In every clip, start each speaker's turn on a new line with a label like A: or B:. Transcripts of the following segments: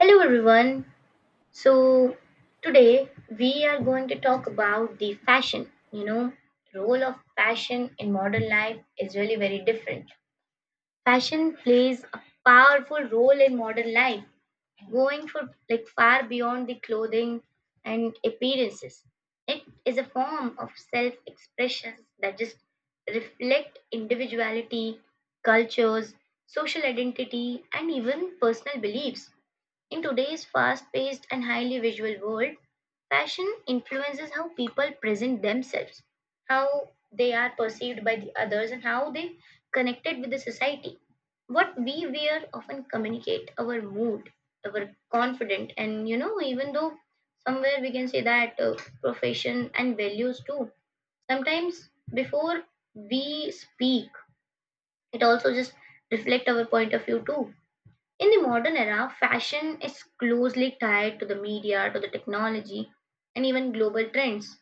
A: Hello everyone. So Today we are going to talk about the fashion. Role of fashion in modern life is really very different. Fashion plays a powerful role in modern life, going for like far beyond the clothing and appearances. It is a form of self-expression that just reflect individuality, cultures, social identity and even personal beliefs in today's fast paced and highly visual world. Fashion influences how people present themselves, how they are perceived by the others, and how they connected with the society. What we wear often communicate our mood, our confident, and even though somewhere we can say that profession and values too. Sometimes before we speak, it also just reflect our point of view too in the modern era. Fashion is closely tied to the media, to the technology, and even global trends.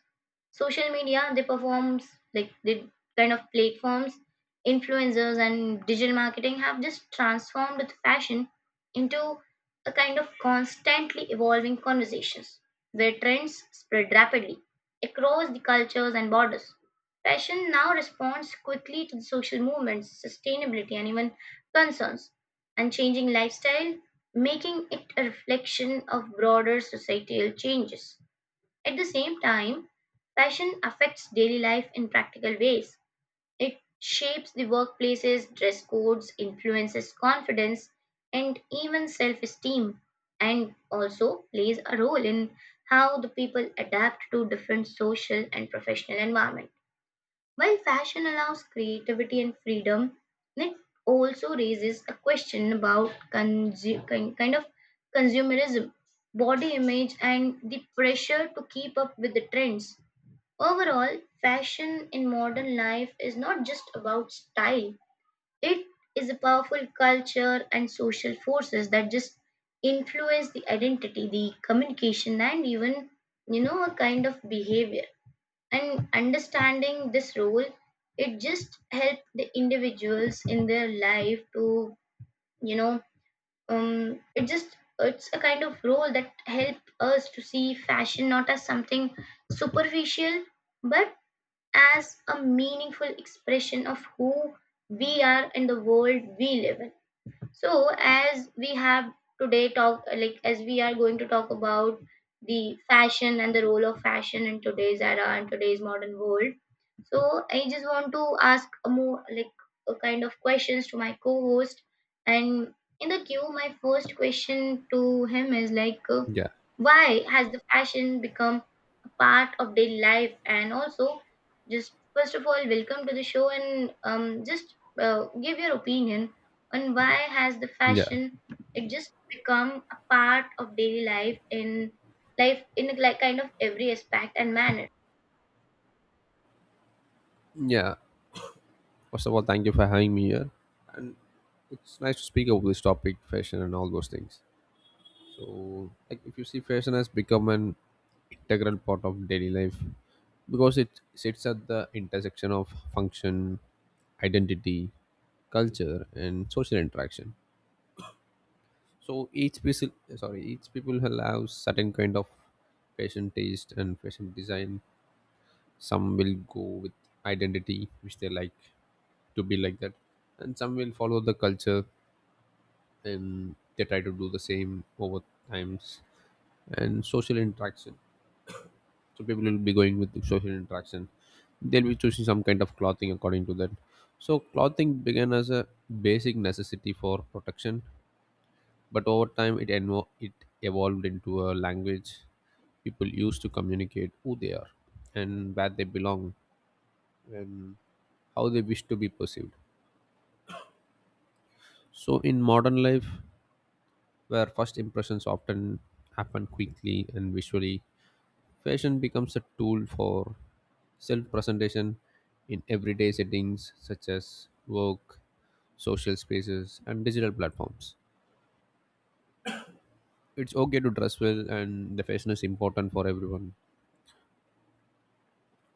A: Social media, they performs like the kind of platforms, influencers, and digital marketing have just transformed the fashion into a kind of constantly evolving conversations where trends spread rapidly across the cultures and borders. Fashion now responds quickly to the social movements, sustainability, and even concerns and changing lifestyle, making it a reflection of broader societal changes. At the same time, fashion affects daily life in practical ways. It shapes the workplaces, dress codes, influences confidence, and even self esteem, and also plays a role in how the people adapt to different social and professional environments. While fashion allows creativity and freedom, it also raises a question about kind of consumerism, body image, and the pressure to keep up with the trends. Overall, fashion in modern life is not just about style, it is a powerful culture and social forces that just influence the identity, the communication, and even, a kind of behavior and understanding this role it just helped the individuals in their life to you know it's a kind of role that help us to see fashion not as something superficial but as a meaningful expression of who we are in the world we live in. So, as we have today talk like as we are going to talk about the fashion and the role of fashion in today's era and today's modern world. So, I just want to ask a more like a kind of questions to my co-host. And in the queue, my first question to him is like,
B: Yeah,
A: why has the fashion become a part of daily life? And also, just first of all, welcome to the show and just give your opinion and why has the
B: yeah,
A: fashion it just become a part of daily life in like kind of every aspect and manner?
B: yeah. First of all, thank you for having me here, and it's nice to speak about this topic, fashion and all those things. So, like, if you see, fashion has become an integral part of daily life because it sits at the intersection of function, identity, culture, and social interaction. So each person, sorry, each people will have certain kind of fashion taste and fashion design. Some will go with identity, which they like. To be like that, and some will follow the culture and they try to do the same over times and social interaction, so people will be going with the social interaction, they'll be choosing some kind of clothing according to that. So clothing began as a basic necessity for protection, but over time it evolved into a language people use to communicate who they are and where they belong and how they wish to be perceived. So in modern life, where first impressions often happen quickly and visually. Fashion becomes a tool for self presentation in everyday settings such as work, social spaces, and digital platforms. It's okay to dress well, and the fashion is important for everyone.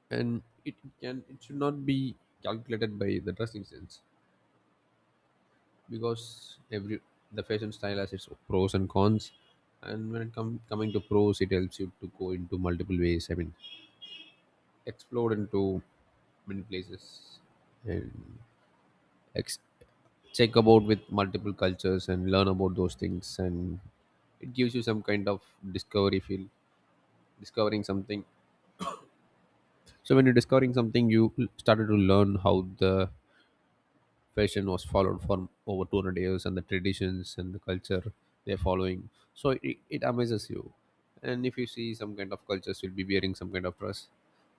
B: And it can it should not be calculated by the dressing sense because every the fashion style has its pros and cons. And when it come coming to pros, it helps you to go into multiple ways. I mean, explore into many places and ex- check about with multiple cultures and learn about those things, and it gives you some kind of discovery feel, discovering something. So when you're discovering something, you started to learn how the fashion was followed for over 200 years and the traditions and the culture they're following. So it amazes you. And if you see, some kind of cultures will be wearing some kind of dress,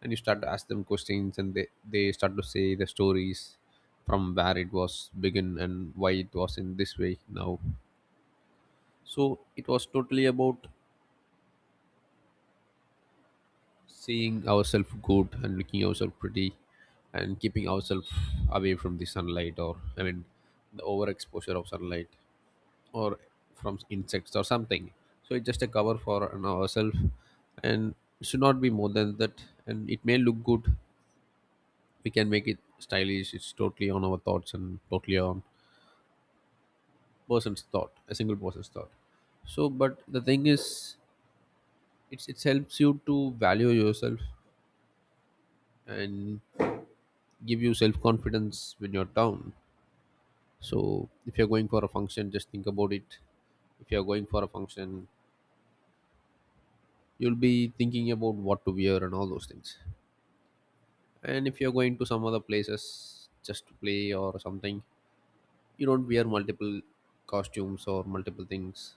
B: and you start to ask them questions and they start to say the stories from where it was begin and why it was in this way now. So it was totally about seeing ourselves good and looking ourselves pretty, and keeping ourselves away from the sunlight, or I mean the overexposure of sunlight, or from insects or something. So it's just a cover for you ourselves, and it should not be more than that. And it may look good. We can make it stylish. It's totally on our thoughts and totally on person's thought, a single person's thought. So, but the thing is, it's it helps you to value yourself and give you self confidence when you're down. So, if you're going for a function, just think about it. If you're going for a function, you'll be thinking about what to wear and all those things. And if you're going to some other places just to play or something, you don't wear multiple costumes or multiple things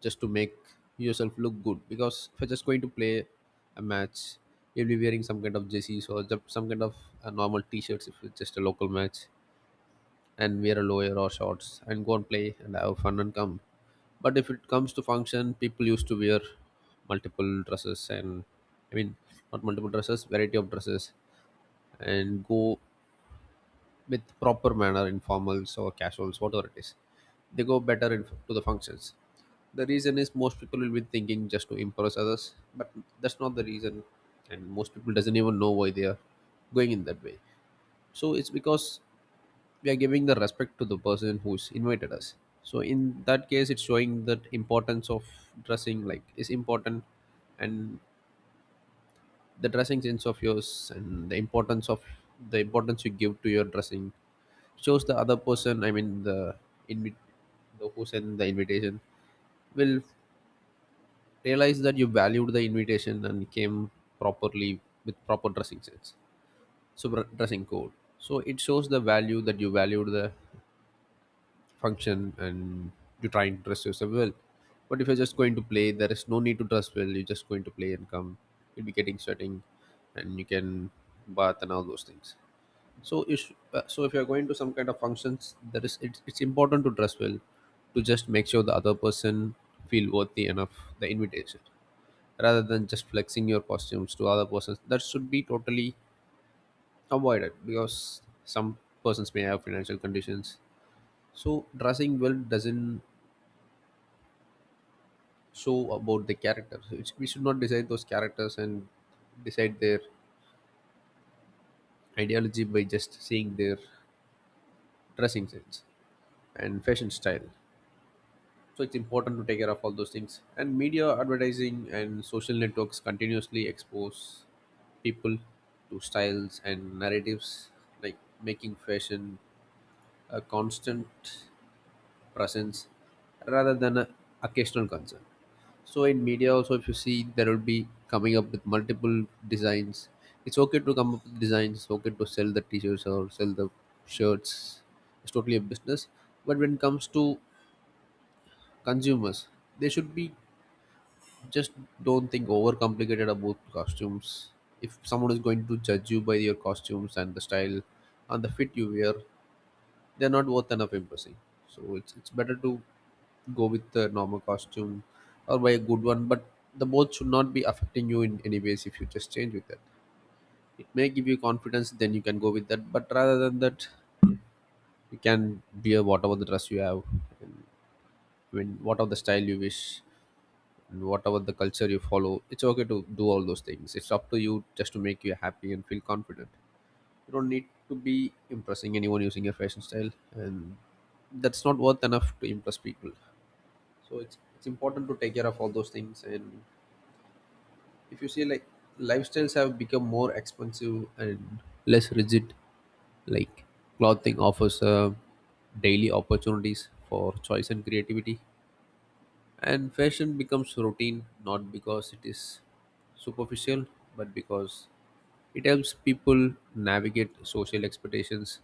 B: just to make yourself look good, because if you're just going to play a match, you'll be wearing some kind of jerseys or some kind of normal t-shirts if it's just a local match, and wear a lower or shorts and go and play and have fun and come. But if it comes to function, people used to wear multiple dresses and, I mean, not multiple dresses, variety of dresses, and go with proper manner, informals or casuals, whatever it is. They go better in, to the functions. The reason is most people will be thinking just to impress others, but that's not the reason, and most people doesn't even know why they are going in that way. So it's because we are giving the respect to the person who's invited us. So in that case, it's showing that importance of dressing like is important, and the dressing sense of yours and the importance of the importance you give to your dressing shows the other person, I mean the invi- the who sent the invitation will realize that you valued the invitation and came properly with proper dressing sense, so dressing code. So it shows the value that you valued the function, and you try and dress yourself well. But if you're just going to play, there is no need to dress well, you're just going to play and come, you'll be getting sweating and you can bath and all those things. So if so if you're going to some kind of functions, there is it's important to dress well to just make sure the other person feel worthy enough the invitation, rather than just flexing your costumes to other persons, that should be totally avoided because some persons may have financial conditions. So dressing well doesn't show about the characters. It's- we should not decide those characters and decide their ideology by just seeing their dressing sense and fashion style. So it's important to take care of all those things. And media advertising and social networks continuously expose people to styles and narratives, like making fashion a constant presence rather than an occasional concern. So in media also, if you see, there will be coming up with multiple designs. It's okay to come up with designs, it's okay to sell the t-shirts or sell the shirts, it's totally a business. But when it comes to consumers, they should be just don't think overcomplicated about costumes. If someone is going to judge you by your costumes and the style and the fit you wear, they're not worth enough impressing. So it's better to go with the normal costume or buy a good one, but the both should not be affecting you in any ways if you just change with that. It may give you confidence, then you can go with that. But rather than that, you can wear whatever the dress you have, and when whatever the style you wish, and whatever the culture you follow, it's okay to do all those things, it's up to you just to make you happy and feel confident. You don't need to be impressing anyone using your fashion style, and that's not worth enough to impress people. So it's important to take care of all those things. And if you see, like, lifestyles have become more expensive and less rigid, like clothing offers daily opportunities for choice and creativity. And fashion becomes routine not because it is superficial, but because it helps people navigate social expectations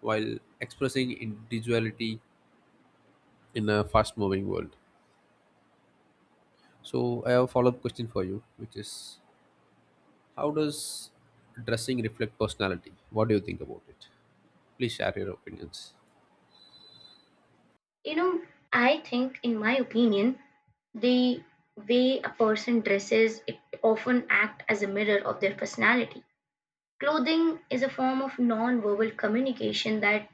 B: while expressing individuality in a fast moving world. So, I have a follow up question for you, which is, how does dressing reflect personality? What do you think about it? Please share your opinions.
A: You know, I think in my opinion, the way a person dresses it often act as a mirror of their personality. Clothing is a form of non-verbal communication that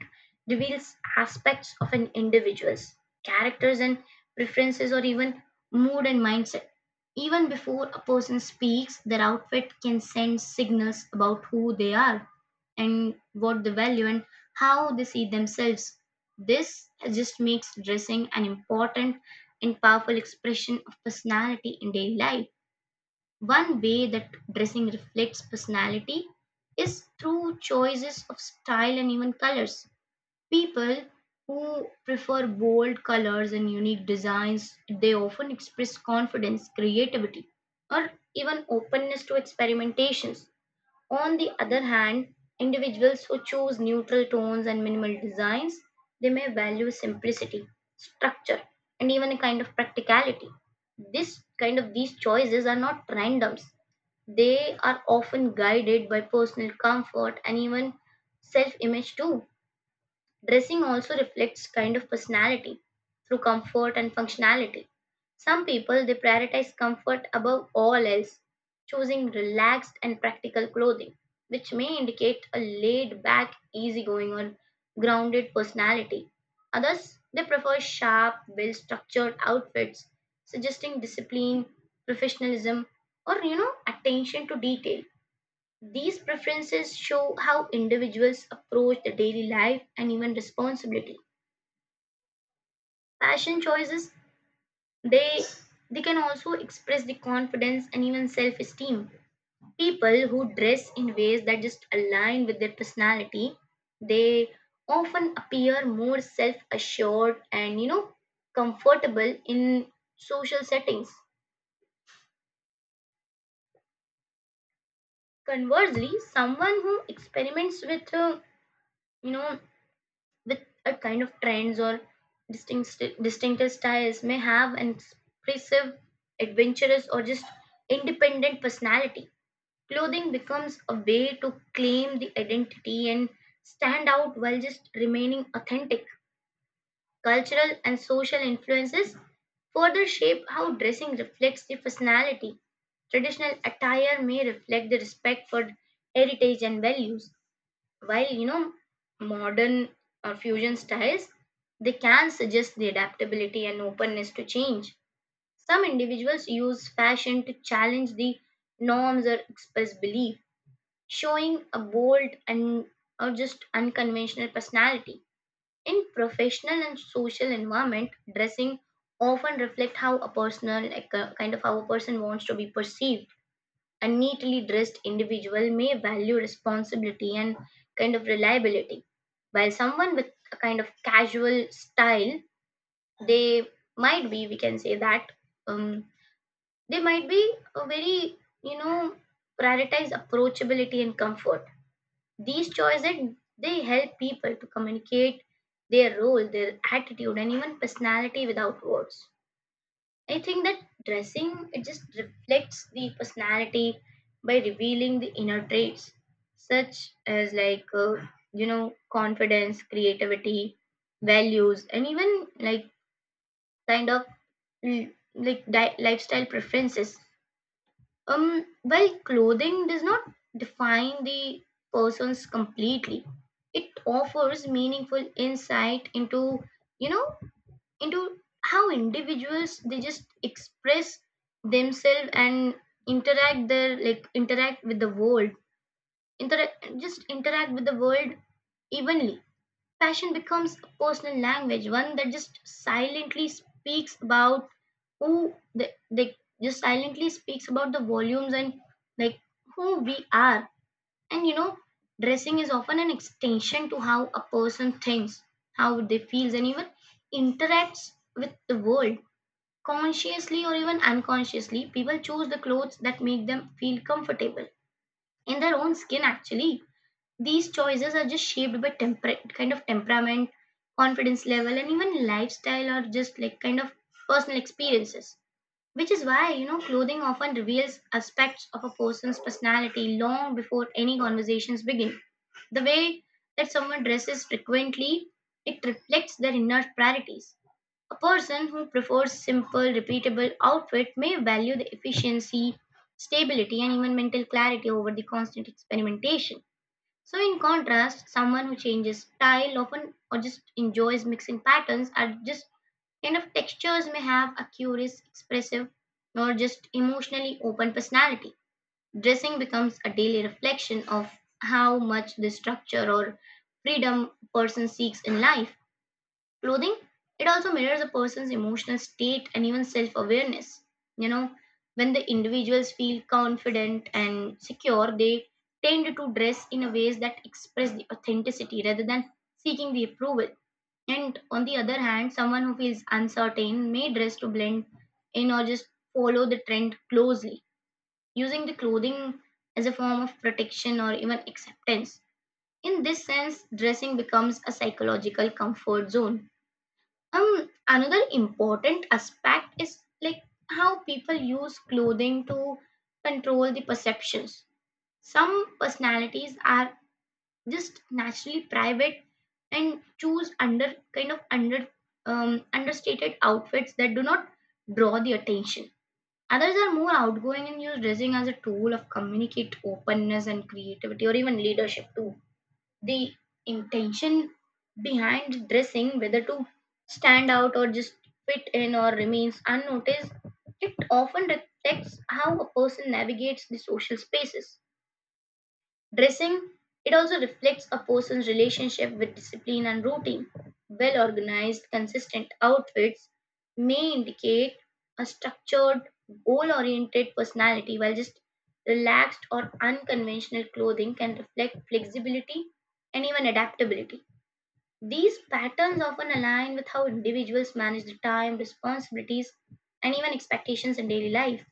A: reveals aspects of an individual's characters and preferences, or even mood and mindset. Even before a person speaks, their outfit can send signals about who they are and what they value and how they see themselves. This just makes dressing an important and powerful expression of personality in daily life. One way that dressing reflects personality is through choices of style and even colors. People who prefer bold colors and unique designs, they often express confidence, creativity, or even openness to experimentations. On the other hand, individuals who choose neutral tones and minimal designs, they may value simplicity, structure, and even a kind of practicality. This kind of these choices are not randoms. They are often guided by personal comfort and even self-image too. Dressing also reflects kind of personality through comfort and functionality. Some people they prioritize comfort above all else, choosing relaxed and practical clothing, which may indicate a laid back, easygoing, or grounded personality. Others they prefer sharp, well structured outfits, suggesting discipline, professionalism, or you know, attention to detail. These preferences show how individuals approach their daily life and even responsibility. Fashion choices they they can also express the confidence and even self-esteem. People who dress in ways that just align with their personality, they often appear more self-assured and you know comfortable in social settings. Conversely, someone who experiments with you know with a kind of trends or distinctive styles may have an expressive, adventurous, or just independent personality. Clothing becomes a way to claim the identity and stand out while just remaining authentic. Cultural and social influences further shape how dressing reflects the personality. Traditional attire may reflect the respect for heritage and values, while you know modern or fusion styles they can suggest the adaptability and openness to change. Some individuals use fashion to challenge the norms or express belief, showing a bold and or just unconventional personality in professional and social environment. Dressing often reflect how a personal like a, kind of how a person wants to be perceived. A neatly dressed individual may value responsibility and kind of reliability, while someone with a kind of casual style they might be we can say that um, they might be a very you know prioritize approachability and comfort. These choices they help people to communicate their role, their attitude and even personality without words. I think that dressing it just reflects the personality by revealing the inner traits such as like you know confidence, creativity, values, and even like kind of lifestyle preferences. While clothing does not define the persons completely, it offers meaningful insight into you know into how individuals they just express themselves and interact with the world, interact with the world evenly. Passion becomes a personal language, one that who they, they just silently speaks about the volumes and like who we are. And you know dressing is often an extension to how a person thinks, how they feels and even interacts with the world. Consciously or even unconsciously, people choose the clothes that make them feel comfortable in their own skin, actually. These choices are just shaped by kind of temperament, confidence level, and even lifestyle or just like kind of personal experiences. Which is why, you know, clothing often reveals aspects of a person's personality long before any conversations begin. The way that someone dresses frequently, it reflects their inner priorities. A person who prefers simple, repeatable outfit may value the efficiency, stability, and even mental clarity over the constant experimentation. So, in contrast, someone who changes style often or just enjoys mixing patterns are just kind of textures may have a curious, expressive, or just emotionally open personality. Dressing becomes a daily reflection of how much this structure or freedom a person seeks in life. Clothing, it also mirrors a person's emotional state and even self awareness. You know, when the individuals feel confident and secure, they tend to dress in a ways that express the authenticity rather than seeking the approval. And on the other hand, someone who feels uncertain may dress to blend in or just follow the trend closely, using the clothing as a form of protection or even acceptance. In this sense, dressing becomes a psychological comfort zone. Another important aspect is like how people use clothing to control the perceptions. Some personalities are just naturally private and choose understated outfits that do not draw the attention. Others are more outgoing and use dressing as a tool of communicate openness and creativity or even leadership too. The intention behind dressing, whether to stand out or just fit in or remains unnoticed, it often reflects how a person navigates the social spaces. Dressing, it also reflects a person's relationship with discipline and routine. Well organized, consistent outfits may indicate a structured, goal oriented personality, while just relaxed or unconventional clothing can reflect flexibility and even adaptability. These patterns often align with how individuals manage the time, responsibilities, and even expectations in daily life.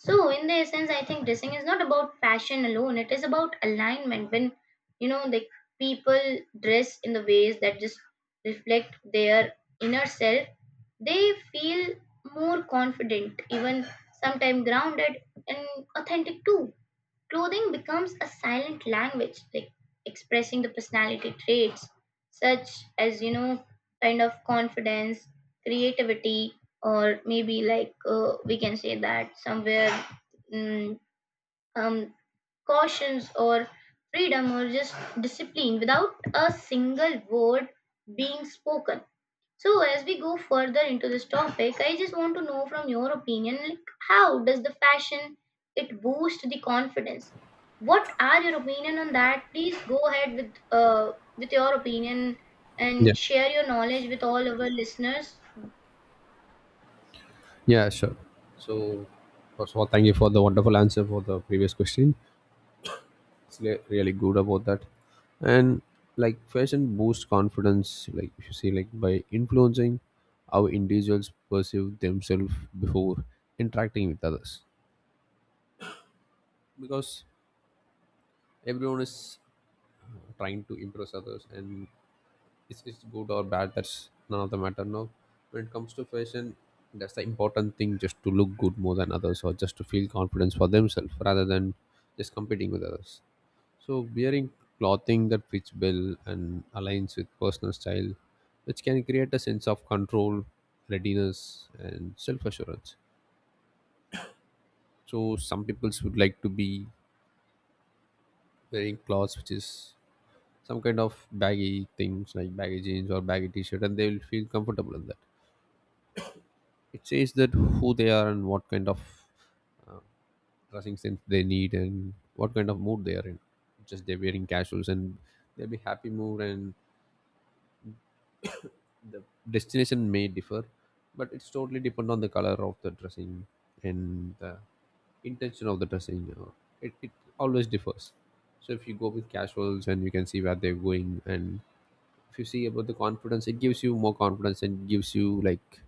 A: So, in the essence, I think dressing is not about fashion alone. It is about alignment. When you know the people dress in the ways that just reflect their inner self, they feel more confident, even sometimes grounded and authentic too. Clothing becomes a silent language, like expressing the personality traits, such as, you know, kind of confidence, creativity, or maybe like we can say that somewhere mm, um, cautions or freedom or just discipline without a single word being spoken. So as we go further into this topic, I just want to know from your opinion, like how does the fashion it boost the confidence? What are your opinion on that? Please go ahead with your opinion
B: Yeah,
A: and share your knowledge with all our listeners.
B: yeah, sure. So, first of all, thank you for the wonderful answer for the previous question. It's really good about that. And like fashion boosts confidence, like if you see, like by influencing how individuals perceive themselves before interacting with others, because everyone is trying to impress others, and it's good or bad, that's none of the matter now. When it comes to fashion, that's the important thing, just to look good more than others or just to feel confidence for themselves rather than just competing with others. So wearing clothing that fits well and aligns with personal style, which can create a sense of control, readiness, and self-assurance. So some people would like to be wearing clothes which is some kind of baggy things like baggy jeans or baggy t-shirt, and they will feel comfortable in that. It says that who they are and what kind of uh, dressing sense they need and what kind of mood they are in. Just they're wearing casuals and they'll be happy mood, and the destination may differ, but it's totally depend on the color of the dressing and the intention of the dressing you know. It always differs. So if you go with casuals, and you can see where they're going, and if you see about the confidence, it gives you more confidence and gives you like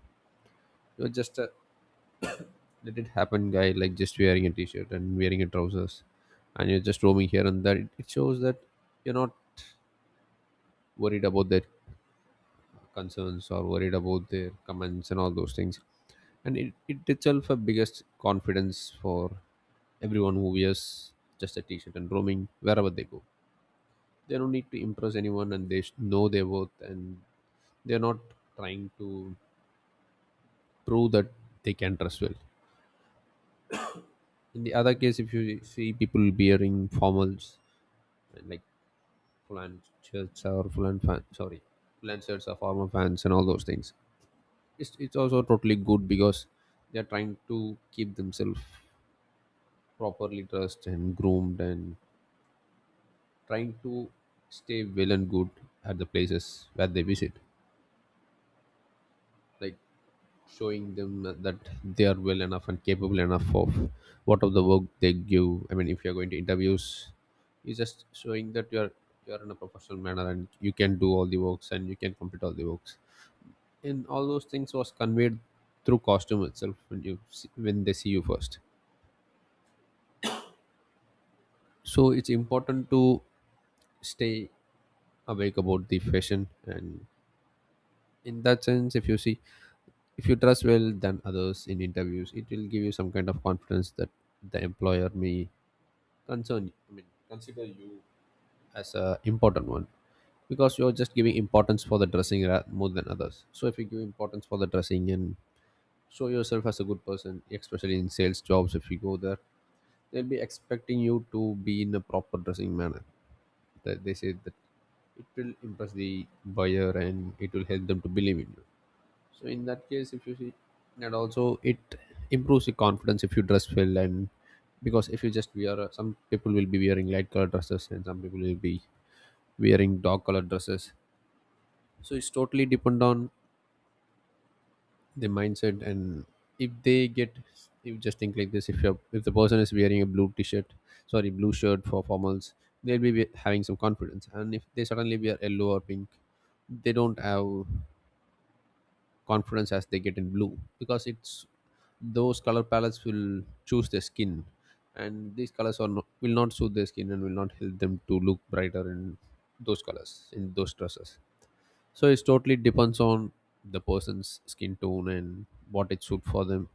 B: you're just a let it happen guy, like just wearing a t-shirt and wearing a trousers and you're just roaming here and there, it shows that you're not worried about that concerns or worried about their comments and all those things. And it itself a biggest confidence for everyone who wears just a t-shirt and roaming wherever they go. They don't need to impress anyone and they know their worth, and they're not trying to prove that they can dress well. In the other case, if you see people wearing formals, like full-on shirts or full-on fan sorry full-on shirts or formal pants and all those things, it's also totally good because they're trying to keep themselves properly dressed and groomed and trying to stay well and good at the places where they visit, like showing them that they are well enough and capable enough of what of the work they give. I mean, if you're going to interviews, it's just showing that you're in a professional manner and you can do all the works and you can complete all the works, and all those things was conveyed through costume itself when you see, when they see you first. So it's important to stay awake about the fashion. And in that sense, if you see, if you dress well than others in interviews, it will give you some kind of confidence that the employer may concern I mean consider you as a important one, because you're just giving importance for the dressing more than others. So if you give importance for the dressing and show yourself as a good person, especially in sales jobs, if you go there, they'll be expecting you to be in a proper dressing manner, that they say that it will impress the buyer and it will help them to believe in you. So in that case, if you see, and also it improves the confidence if you dress well. And because if you just wear some people will be wearing light color dresses and some people will be wearing dark color dresses, so it's totally depend on the mindset. And if they get, if just think like this, if you, if the person is wearing a blue t-shirt sorry blue shirt for formals, they'll be having some confidence, and if they suddenly wear yellow or pink, they don't have confidence as they get in blue, because it's those color palettes will choose their skin, and these colors are not, will not suit their skin and will not help them to look brighter in those colors, in those dresses. So it's totally depends on the person's skin tone and what it suit for them.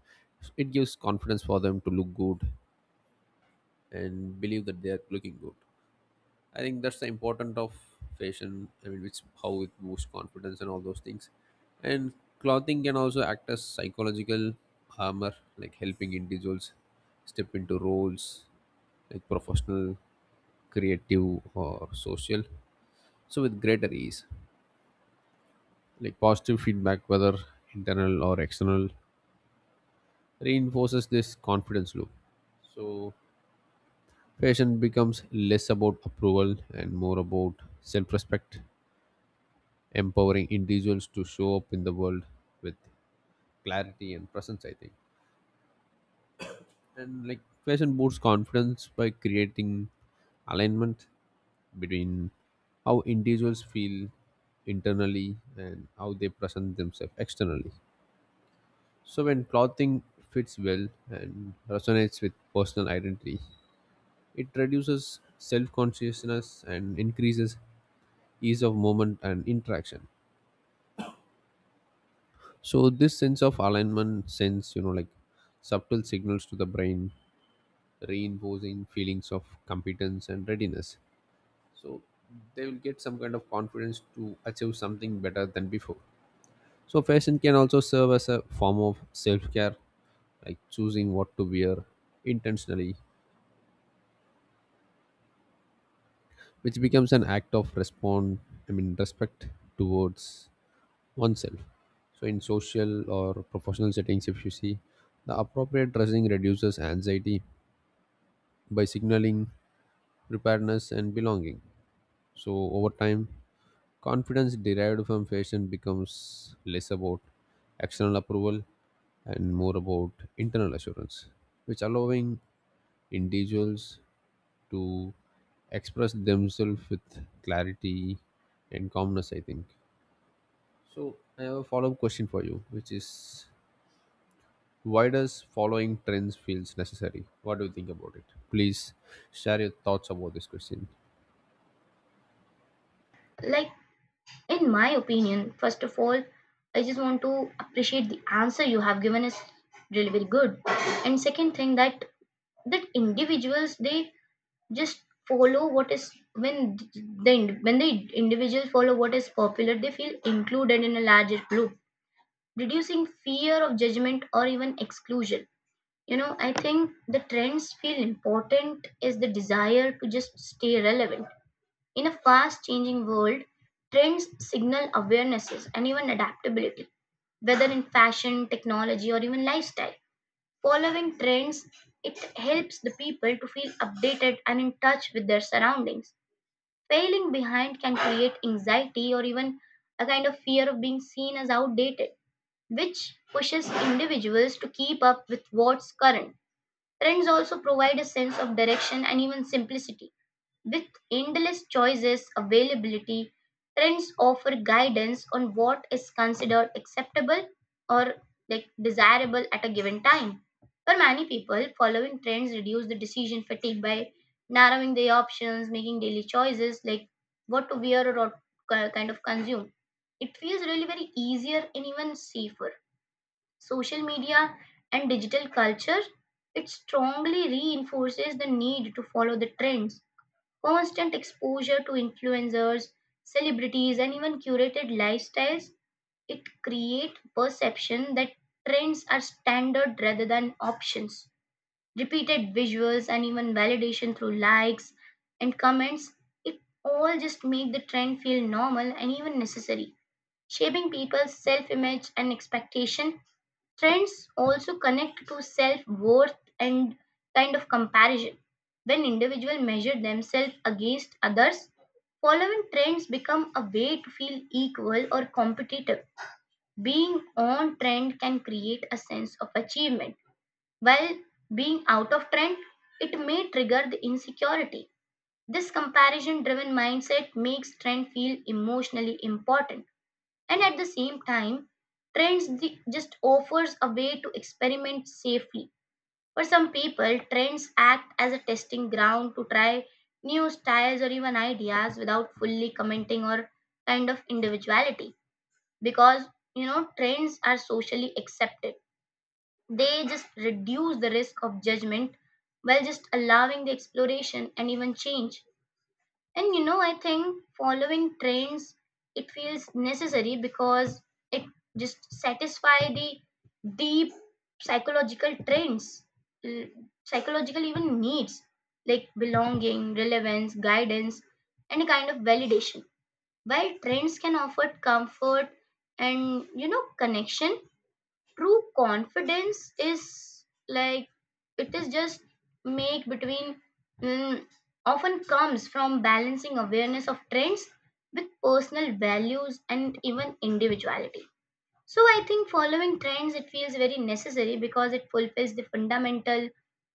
B: It gives confidence for them to look good and believe that they are looking good. I think that's the important of fashion. I mean, which how it boosts confidence and all those things. And clothing can also act as psychological armor, like helping individuals step into roles like professional, creative, or social. So with greater ease, like positive feedback, whether internal or external, reinforces this confidence loop. So fashion becomes less about approval and more about self-respect, empowering individuals to show up in the world with clarity and presence, I think. And like fashion boosts confidence by creating alignment between how individuals feel internally and how they present themselves externally. So when clothing fits well and resonates with personal identity, it reduces self-consciousness and increases ease of movement and interaction. So this sense of alignment sends, you know, like subtle signals to the brain, reinforcing feelings of competence and readiness. So they will get some kind of confidence to achieve something better than before. So fashion can also serve as a form of self-care, like choosing what to wear intentionally, which becomes an act of respond, I mean respect towards oneself. So in social or professional settings, if you see, the appropriate dressing reduces anxiety by signaling preparedness and belonging. So, over time, confidence derived from fashion becomes less about external approval and more about internal assurance, which allowing individuals to express themselves with clarity and calmness, I think. So, I have a follow up question for you, which is why does following trends feels necessary? What do you think about it? Please share your thoughts about this question.
A: Like in my opinion, first of all, I just want to appreciate the answer you have given is really very good. And second thing, that individuals, they just follow what is when when the individuals follow what is popular, they feel included in a larger group, reducing fear of judgment or even exclusion. I think the trends feel important is the desire to just stay relevant in a fast changing world. Trends signal awarenesses and even adaptability, whether in fashion, technology or even lifestyle. Following trends, it helps the people to feel updated and in touch with their surroundings. Failing behind can create anxiety or even a kind of fear of being seen as outdated, which pushes individuals to keep up with what's current. Trends also provide a sense of direction and even simplicity. With endless choices availability, trends offer guidance on what is considered acceptable or like desirable at a given time. For many people, following trends reduce the decision fatigue by narrowing the options, making daily choices like what to wear or what kind of consume. It feels really very easier and even safer. Social media and digital culture, it strongly reinforces the need to follow the trends. Constant exposure to influencers, celebrities, and even curated lifestyles, it creates perception that trends are standard rather than options. Repeated visuals and even validation through likes and comments, it all just make the trend feel normal and even necessary, shaping people's self-image and expectation. Trends also connect to self worth and kind of comparison. When individuals measure themselves against others, following trends become a way to feel equal or competitive. Being on trend can create a sense of achievement, while being out of trend, it may trigger the insecurity. This comparison driven mindset makes trend feel emotionally important, and at the same time just offers a way to experiment safely. For some people, trends act as a testing ground to try new styles or even ideas without fully commenting or kind of individuality, because trends are socially accepted, they just reduce the risk of judgment, while just allowing the exploration and even change. And I think following trends, it feels necessary because it just satisfy the deep psychological trends, l- psychological even needs like belonging, relevance, guidance, and a kind of validation. While trends can offer comfort and connection, true confidence is like it is just make between mm, often comes from balancing awareness of trends with personal values and even individuality. So I think following trends, it feels very necessary because it fulfills the fundamental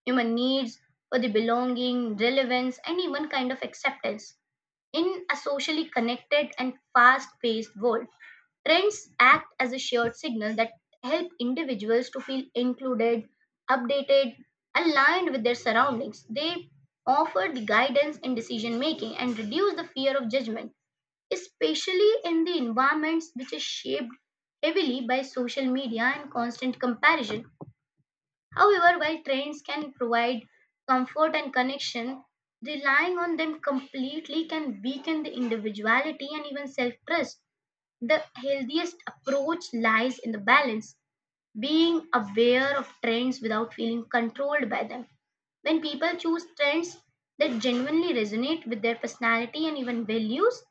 A: human needs for the belonging, relevance, and even kind of acceptance. In a socially connected and fast paced world, trends act as a shared signal that help individuals to feel included, updated, aligned with their surroundings. They offer the guidance in decision making and reduce the fear of judgment, especially in the environments which is shaped heavily by social media and constant comparison. However, while trains can provide comfort and connection, relying on them completely can weaken the individuality and even self trust. The healthiest approach lies in the balance, being aware of trends without feeling controlled by them. When people choose trends that genuinely resonate with their personality and even values,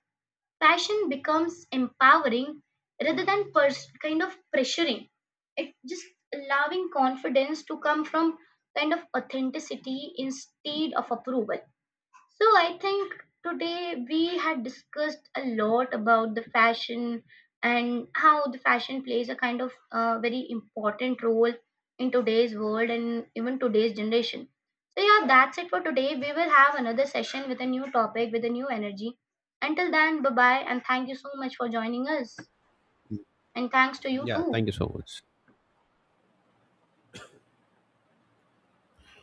A: passion becomes empowering rather than kind of pressuring, it just allowing confidence to come from kind of authenticity instead of approval. So I think today we had discussed a lot about the fashion, and how the fashion plays a kind of very important role in today's world and even today's generation. So yeah, that's it for today. We will have another session with a new topic with a new energy. Until then, bye bye, and thank you so much for joining us, and thanks to you
B: Yeah,
A: too.
B: thank you so much.